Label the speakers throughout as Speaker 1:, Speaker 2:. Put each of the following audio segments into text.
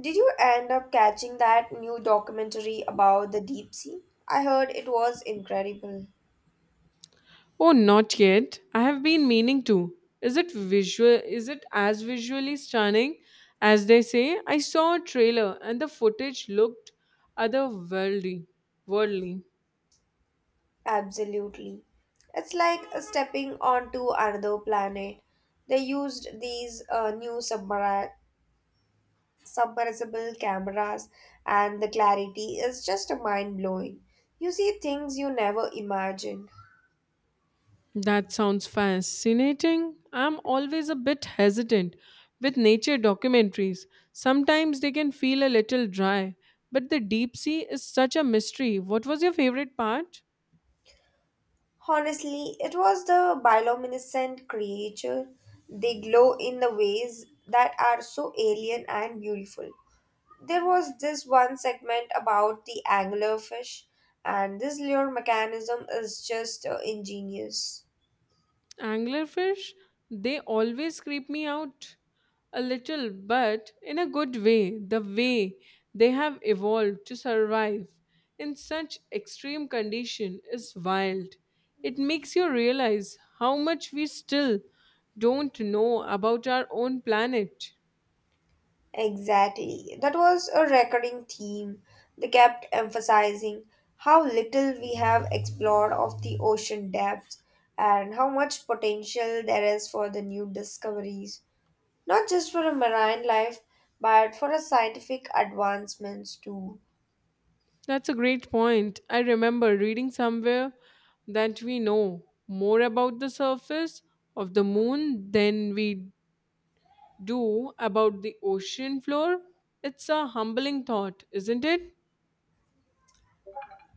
Speaker 1: Did you end up catching that new documentary about the deep sea? I heard it was incredible.
Speaker 2: Oh, not yet. I have been meaning to. Is it as visually stunning as they say? I saw a trailer and the footage looked otherworldly. Worldly.
Speaker 1: Absolutely. It's like a stepping onto another planet. They used these new submersible cameras, and the clarity is just mind blowing. You see things you never imagined.
Speaker 2: That sounds fascinating. I'm always a bit hesitant with nature documentaries. Sometimes they can feel a little dry, but the deep sea is such a mystery. What was your favorite part?
Speaker 1: Honestly, it was the bioluminescent creature. They glow in the ways that are so alien and beautiful. There was this one segment about the anglerfish, and this lure mechanism is just ingenious.
Speaker 2: Anglerfish, they always creep me out a little, but in a good way, the way they have evolved to survive in such extreme condition is wild. It makes you realize how much we still don't know about our own planet.
Speaker 1: Exactly. That was a recurring theme. They kept emphasizing how little we have explored of the ocean depths and how much potential there is for the new discoveries, not just for a marine life, but for a scientific advancements too.
Speaker 2: That's a great point. I remember reading somewhere that we know more about the surface of the moon than we do about the ocean floor? It's a humbling thought, isn't it?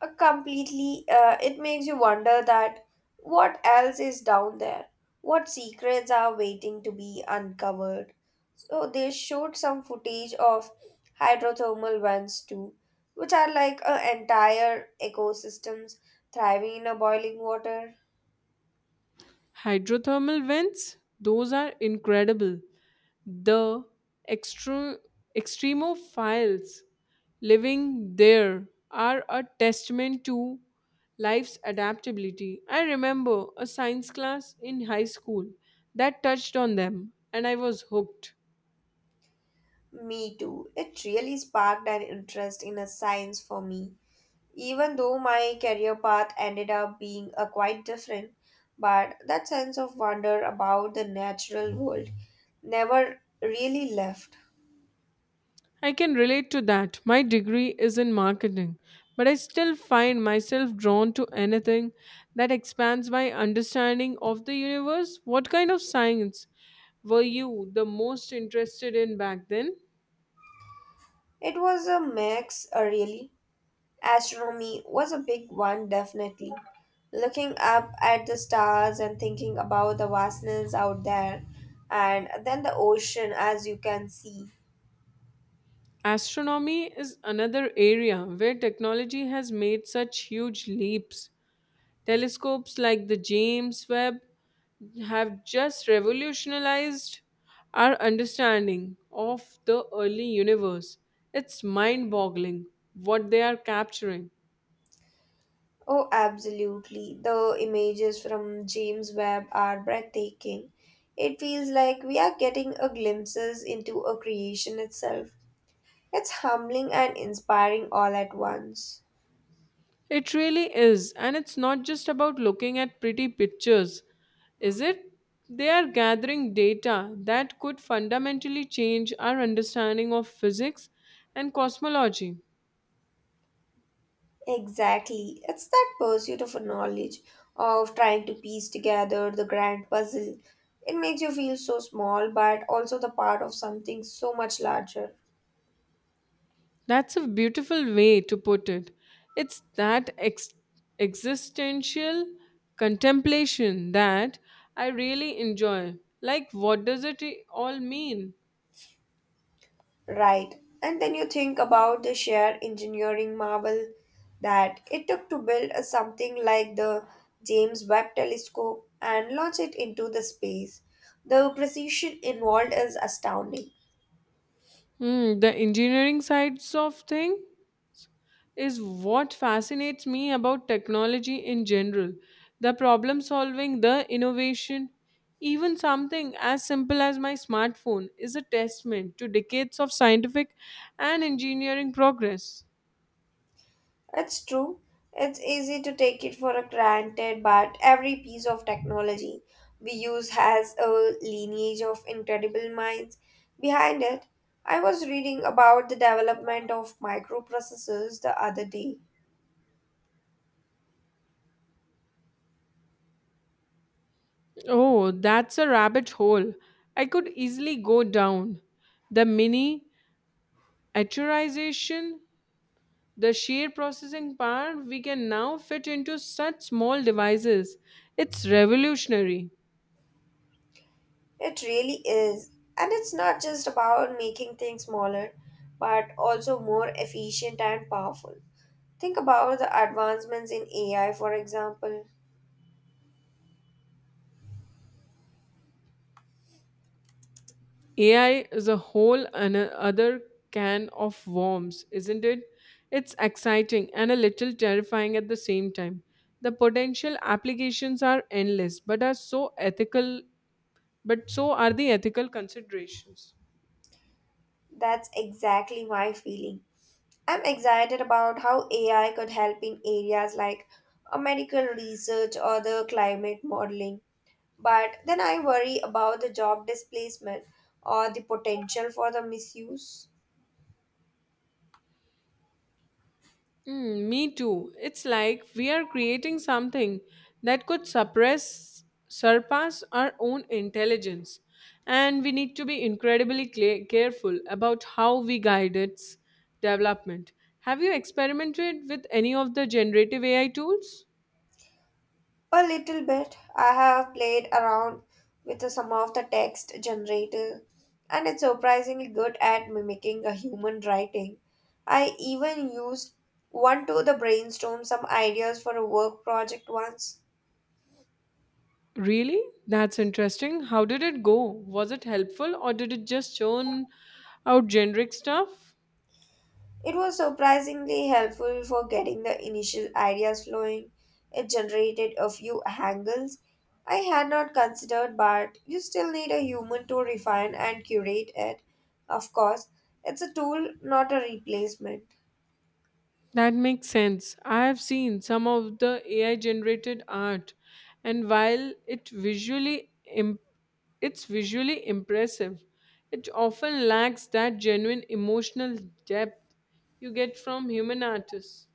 Speaker 1: Completely, it makes you wonder that what else is down there, what secrets are waiting to be uncovered. So they showed some footage of hydrothermal vents too, which are like entire ecosystems thriving in a boiling water.
Speaker 2: Hydrothermal vents, those are incredible. The extre- extremophiles living there are a testament to life's adaptability. I remember a science class in high school that touched on them, and I was hooked.
Speaker 1: Me too, it really sparked an interest in a science for me. Even though my career path ended up being a quite different, but that sense of wonder about the natural world never really left.
Speaker 2: I can relate to that. My degree is in marketing, but I still find myself drawn to anything that expands my understanding of the universe. What kind of science were you the most interested in back then?
Speaker 1: It was a mix, really. Astronomy was a big one, definitely. Looking up at the stars and thinking about the vastness out there, and then the ocean, as you can see.
Speaker 2: Astronomy is another area where technology has made such huge leaps. Telescopes like the James Webb have just revolutionized our understanding of the early universe. It's mind boggling what they are capturing.
Speaker 1: Oh, absolutely. The images from James Webb are breathtaking. It feels like we are getting a glimpses into a creation itself. It's humbling and inspiring all at once.
Speaker 2: It really is, and it's not just about looking at pretty pictures, is it? They are gathering data that could fundamentally change our understanding of physics and cosmology.
Speaker 1: Exactly. It's that pursuit of knowledge, of trying to piece together the grand puzzle. It makes you feel so small, but also the part of something so much larger.
Speaker 2: That's a beautiful way to put it. It's that existential contemplation that I really enjoy. Like, what does it all mean?
Speaker 1: Right. And then you think about the sheer engineering marvel that it took to build a something like the James Webb telescope and launch it into the space. The precision involved is astounding.
Speaker 2: Hmm, the engineering sides of thing is what fascinates me about technology in general. The problem solving, the innovation, even something as simple as my smartphone is a testament to decades of scientific and engineering progress.
Speaker 1: It's true. It's easy to take it for granted, but every piece of technology we use has a lineage of incredible minds behind it. I was reading about the development of microprocessors the other day.
Speaker 2: Oh, that's a rabbit hole. I could easily go down. The mini atomization, the sheer processing power we can now fit into such small devices. It's revolutionary.
Speaker 1: It really is. And it's not just about making things smaller, but also more efficient and powerful. Think about the advancements in AI, for example.
Speaker 2: AI is a whole other can of worms, isn't it? It's exciting and a little terrifying at the same time. The potential applications are endless, but so are the ethical considerations.
Speaker 1: That's exactly my feeling. I'm excited about how AI could help in areas like medical research or the climate modeling. But then I worry about the job displacement or the potential for the misuse.
Speaker 2: Mm, me too. It's like we are creating something that could surpass our own intelligence. And we need to be incredibly clear, careful about how we guide its development. Have you experimented with any of the generative AI tools?
Speaker 1: A little bit. I have played around with some of the text generator, and it's surprisingly good at mimicking a human writing. I even used one to the brainstorm some ideas for a work project once.
Speaker 2: Really? That's interesting. How did it go? Was it helpful or did it just churn out generic stuff?
Speaker 1: It was surprisingly helpful for getting the initial ideas flowing. It generated a few angles I had not considered, but you still need a human to refine and curate it. Of course, it's a tool, not a replacement.
Speaker 2: That makes sense. I have seen some of the AI generated art and while it's visually impressive, it often lacks that genuine emotional depth you get from human artists.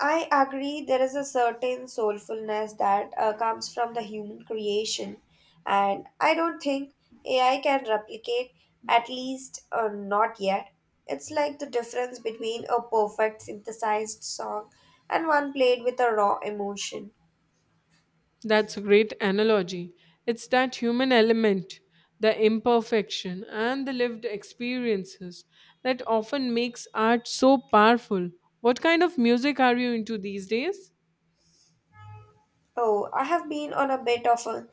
Speaker 1: I agree, there is a certain soulfulness that comes from the human creation, and I don't think AI can replicate, at least not yet. It's like the difference between a perfect synthesized song and one played with a raw emotion.
Speaker 2: That's a great analogy. It's that human element, the imperfection and the lived experiences that often makes art so powerful. What kind of music are you into these days?
Speaker 1: Oh, I have been on a bit of a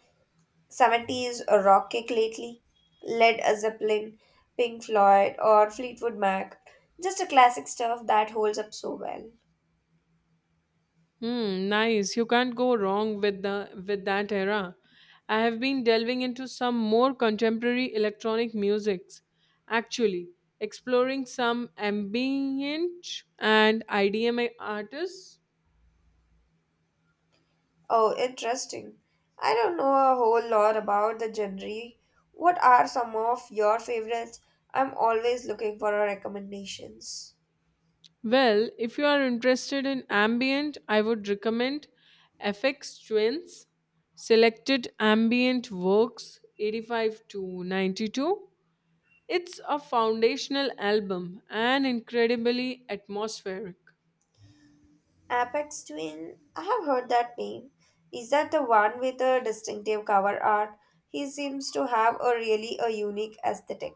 Speaker 1: 70s rock kick lately. Led Zeppelin, Pink Floyd, or Fleetwood Mac. Just a classic stuff that holds up so well.
Speaker 2: Hmm, nice. You can't go wrong with that era. I have been delving into some more contemporary electronic musics, actually, exploring some ambient and IDM artists.
Speaker 1: Oh, interesting. I don't know a whole lot about the genre. What are some of your favorites? I'm always looking for recommendations.
Speaker 2: Well, if you are interested in ambient, I would recommend FX Twins, Selected Ambient Works 85-92. It's a foundational album and incredibly atmospheric.
Speaker 1: Apex Twin, I have heard that name. Is that the one with a distinctive cover art? He seems to have a really a unique aesthetic.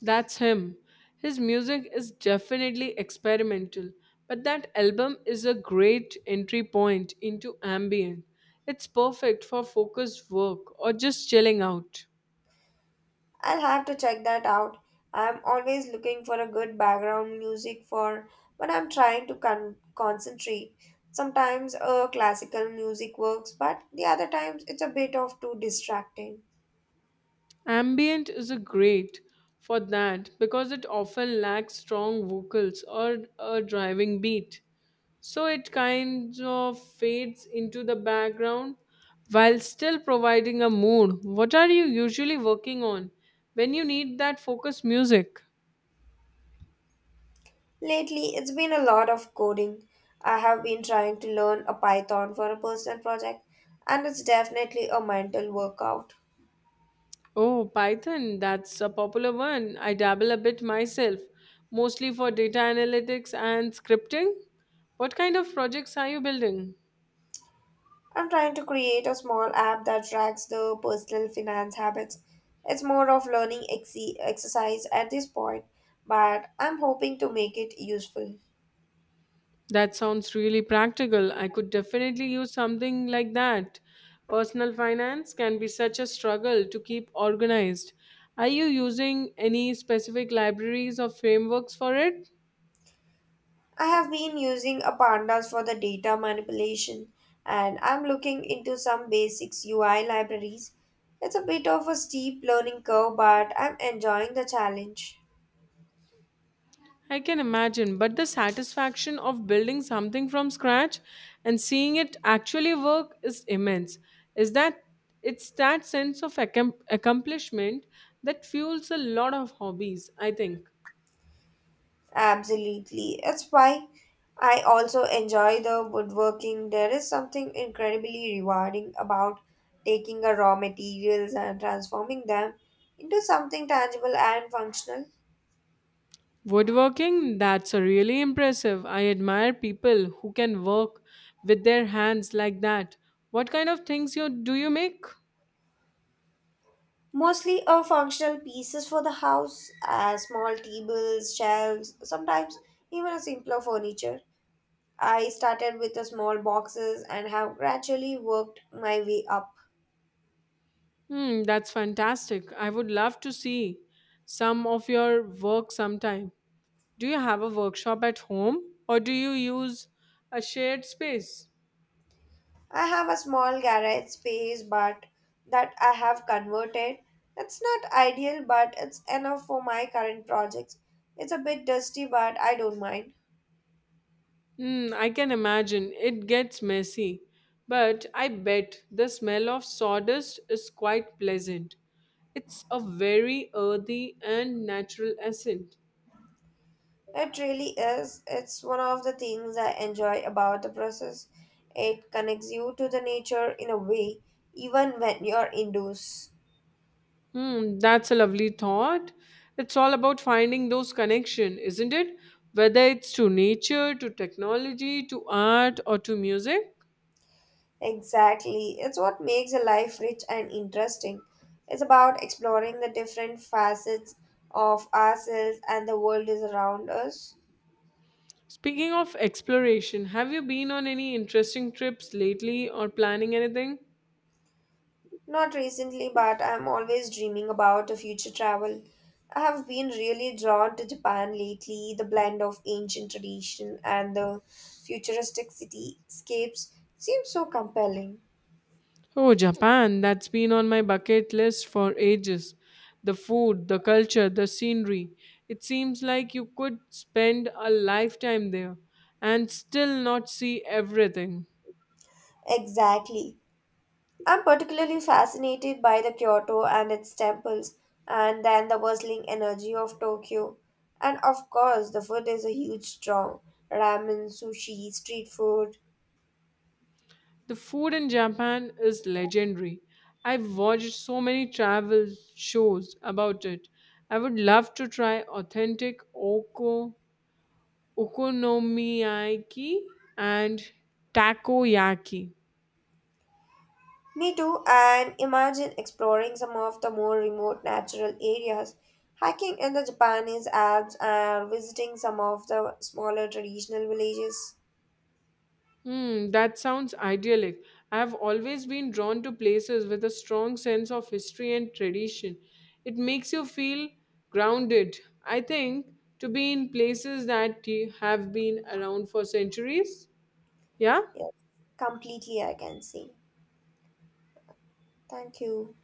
Speaker 2: That's him. His music is definitely experimental, but that album is a great entry point into ambient. It's perfect for focused work or just chilling out.
Speaker 1: I'll have to check that out. I'm always looking for a good background music for when I'm trying to concentrate. Sometimes classical music works, but the other times it's a bit of too distracting.
Speaker 2: Ambient is a great for that because it often lacks strong vocals or a driving beat. So it kind of fades into the background while still providing a mood. What are you usually working on when you need that focus music?
Speaker 1: Lately, it's been a lot of coding. I have been trying to learn a Python for a personal project, and it's definitely a mental workout.
Speaker 2: Oh, Python, that's a popular one. I dabble a bit myself, mostly for data analytics and scripting. What kind of projects are you building?
Speaker 1: I'm trying to create a small app that tracks the personal finance habits. It's more of learning exercise at this point, but I'm hoping to make it useful.
Speaker 2: That sounds really practical. I could definitely use something like that. Personal finance can be such a struggle to keep organized. Are you using any specific libraries or frameworks for it?
Speaker 1: I have been using a pandas for the data manipulation, and I'm looking into some basics UI libraries. It's a bit of a steep learning curve, but I'm enjoying the challenge.
Speaker 2: I can imagine, but the satisfaction of building something from scratch and seeing it actually work is immense. Is that It's that sense of accomplishment that fuels a lot of hobbies, I think.
Speaker 1: Absolutely. That's why I also enjoy the woodworking. There is something incredibly rewarding about taking a raw materials and transforming them into something tangible and functional.
Speaker 2: Woodworking, that's a really impressive. I admire people who can work with their hands like that. What kind of things you do you make?
Speaker 1: Mostly a functional pieces for the house, small tables, shelves, sometimes even a simpler furniture. I started with the small boxes and have gradually worked my way up.
Speaker 2: Hmm, that's fantastic. I would love to see some of your work sometime. Do you have a workshop at home or do you use a shared space?
Speaker 1: I have a small garage space, but that I have converted. It's not ideal, but it's enough for my current projects. It's a bit dusty, but I don't mind.
Speaker 2: Hmm, I can imagine it gets messy, but I bet the smell of sawdust is quite pleasant. It's a very earthy and natural scent.
Speaker 1: It really is. It's one of the things I enjoy about the process. It connects you to the nature in a way, even when you're indoors.
Speaker 2: Hmm, that's a lovely thought. It's all about finding those connections, isn't it? Whether it's to nature, to technology, to art, or to music.
Speaker 1: Exactly. It's what makes a life rich and interesting. It's about exploring the different facets of ourselves and the world is around us.
Speaker 2: Speaking of exploration, have you been on any interesting trips lately or planning anything?
Speaker 1: Not recently, but I'm always dreaming about a future travel. I have been really drawn to Japan lately, the blend of ancient tradition and the futuristic cityscapes seems so compelling.
Speaker 2: Oh, Japan, that's been on my bucket list for ages. The food, the culture, the scenery. It seems like you could spend a lifetime there and still not see everything.
Speaker 1: Exactly. I'm particularly fascinated by the Kyoto and its temples, and then the bustling energy of Tokyo. And of course, the food is a huge draw. Ramen, sushi, street food.
Speaker 2: The food in Japan is legendary. I've watched so many travel shows about it. I would love to try authentic okonomiyaki and takoyaki.
Speaker 1: Me too, and imagine exploring some of the more remote natural areas, hiking in the Japanese Alps, and visiting some of the smaller traditional villages.
Speaker 2: Hmm, that sounds idyllic. I have always been drawn to places with a strong sense of history and tradition. It makes you feel grounded. I think to be in places that have been around for centuries. Yeah?
Speaker 1: Yes, completely, I can see. Thank you.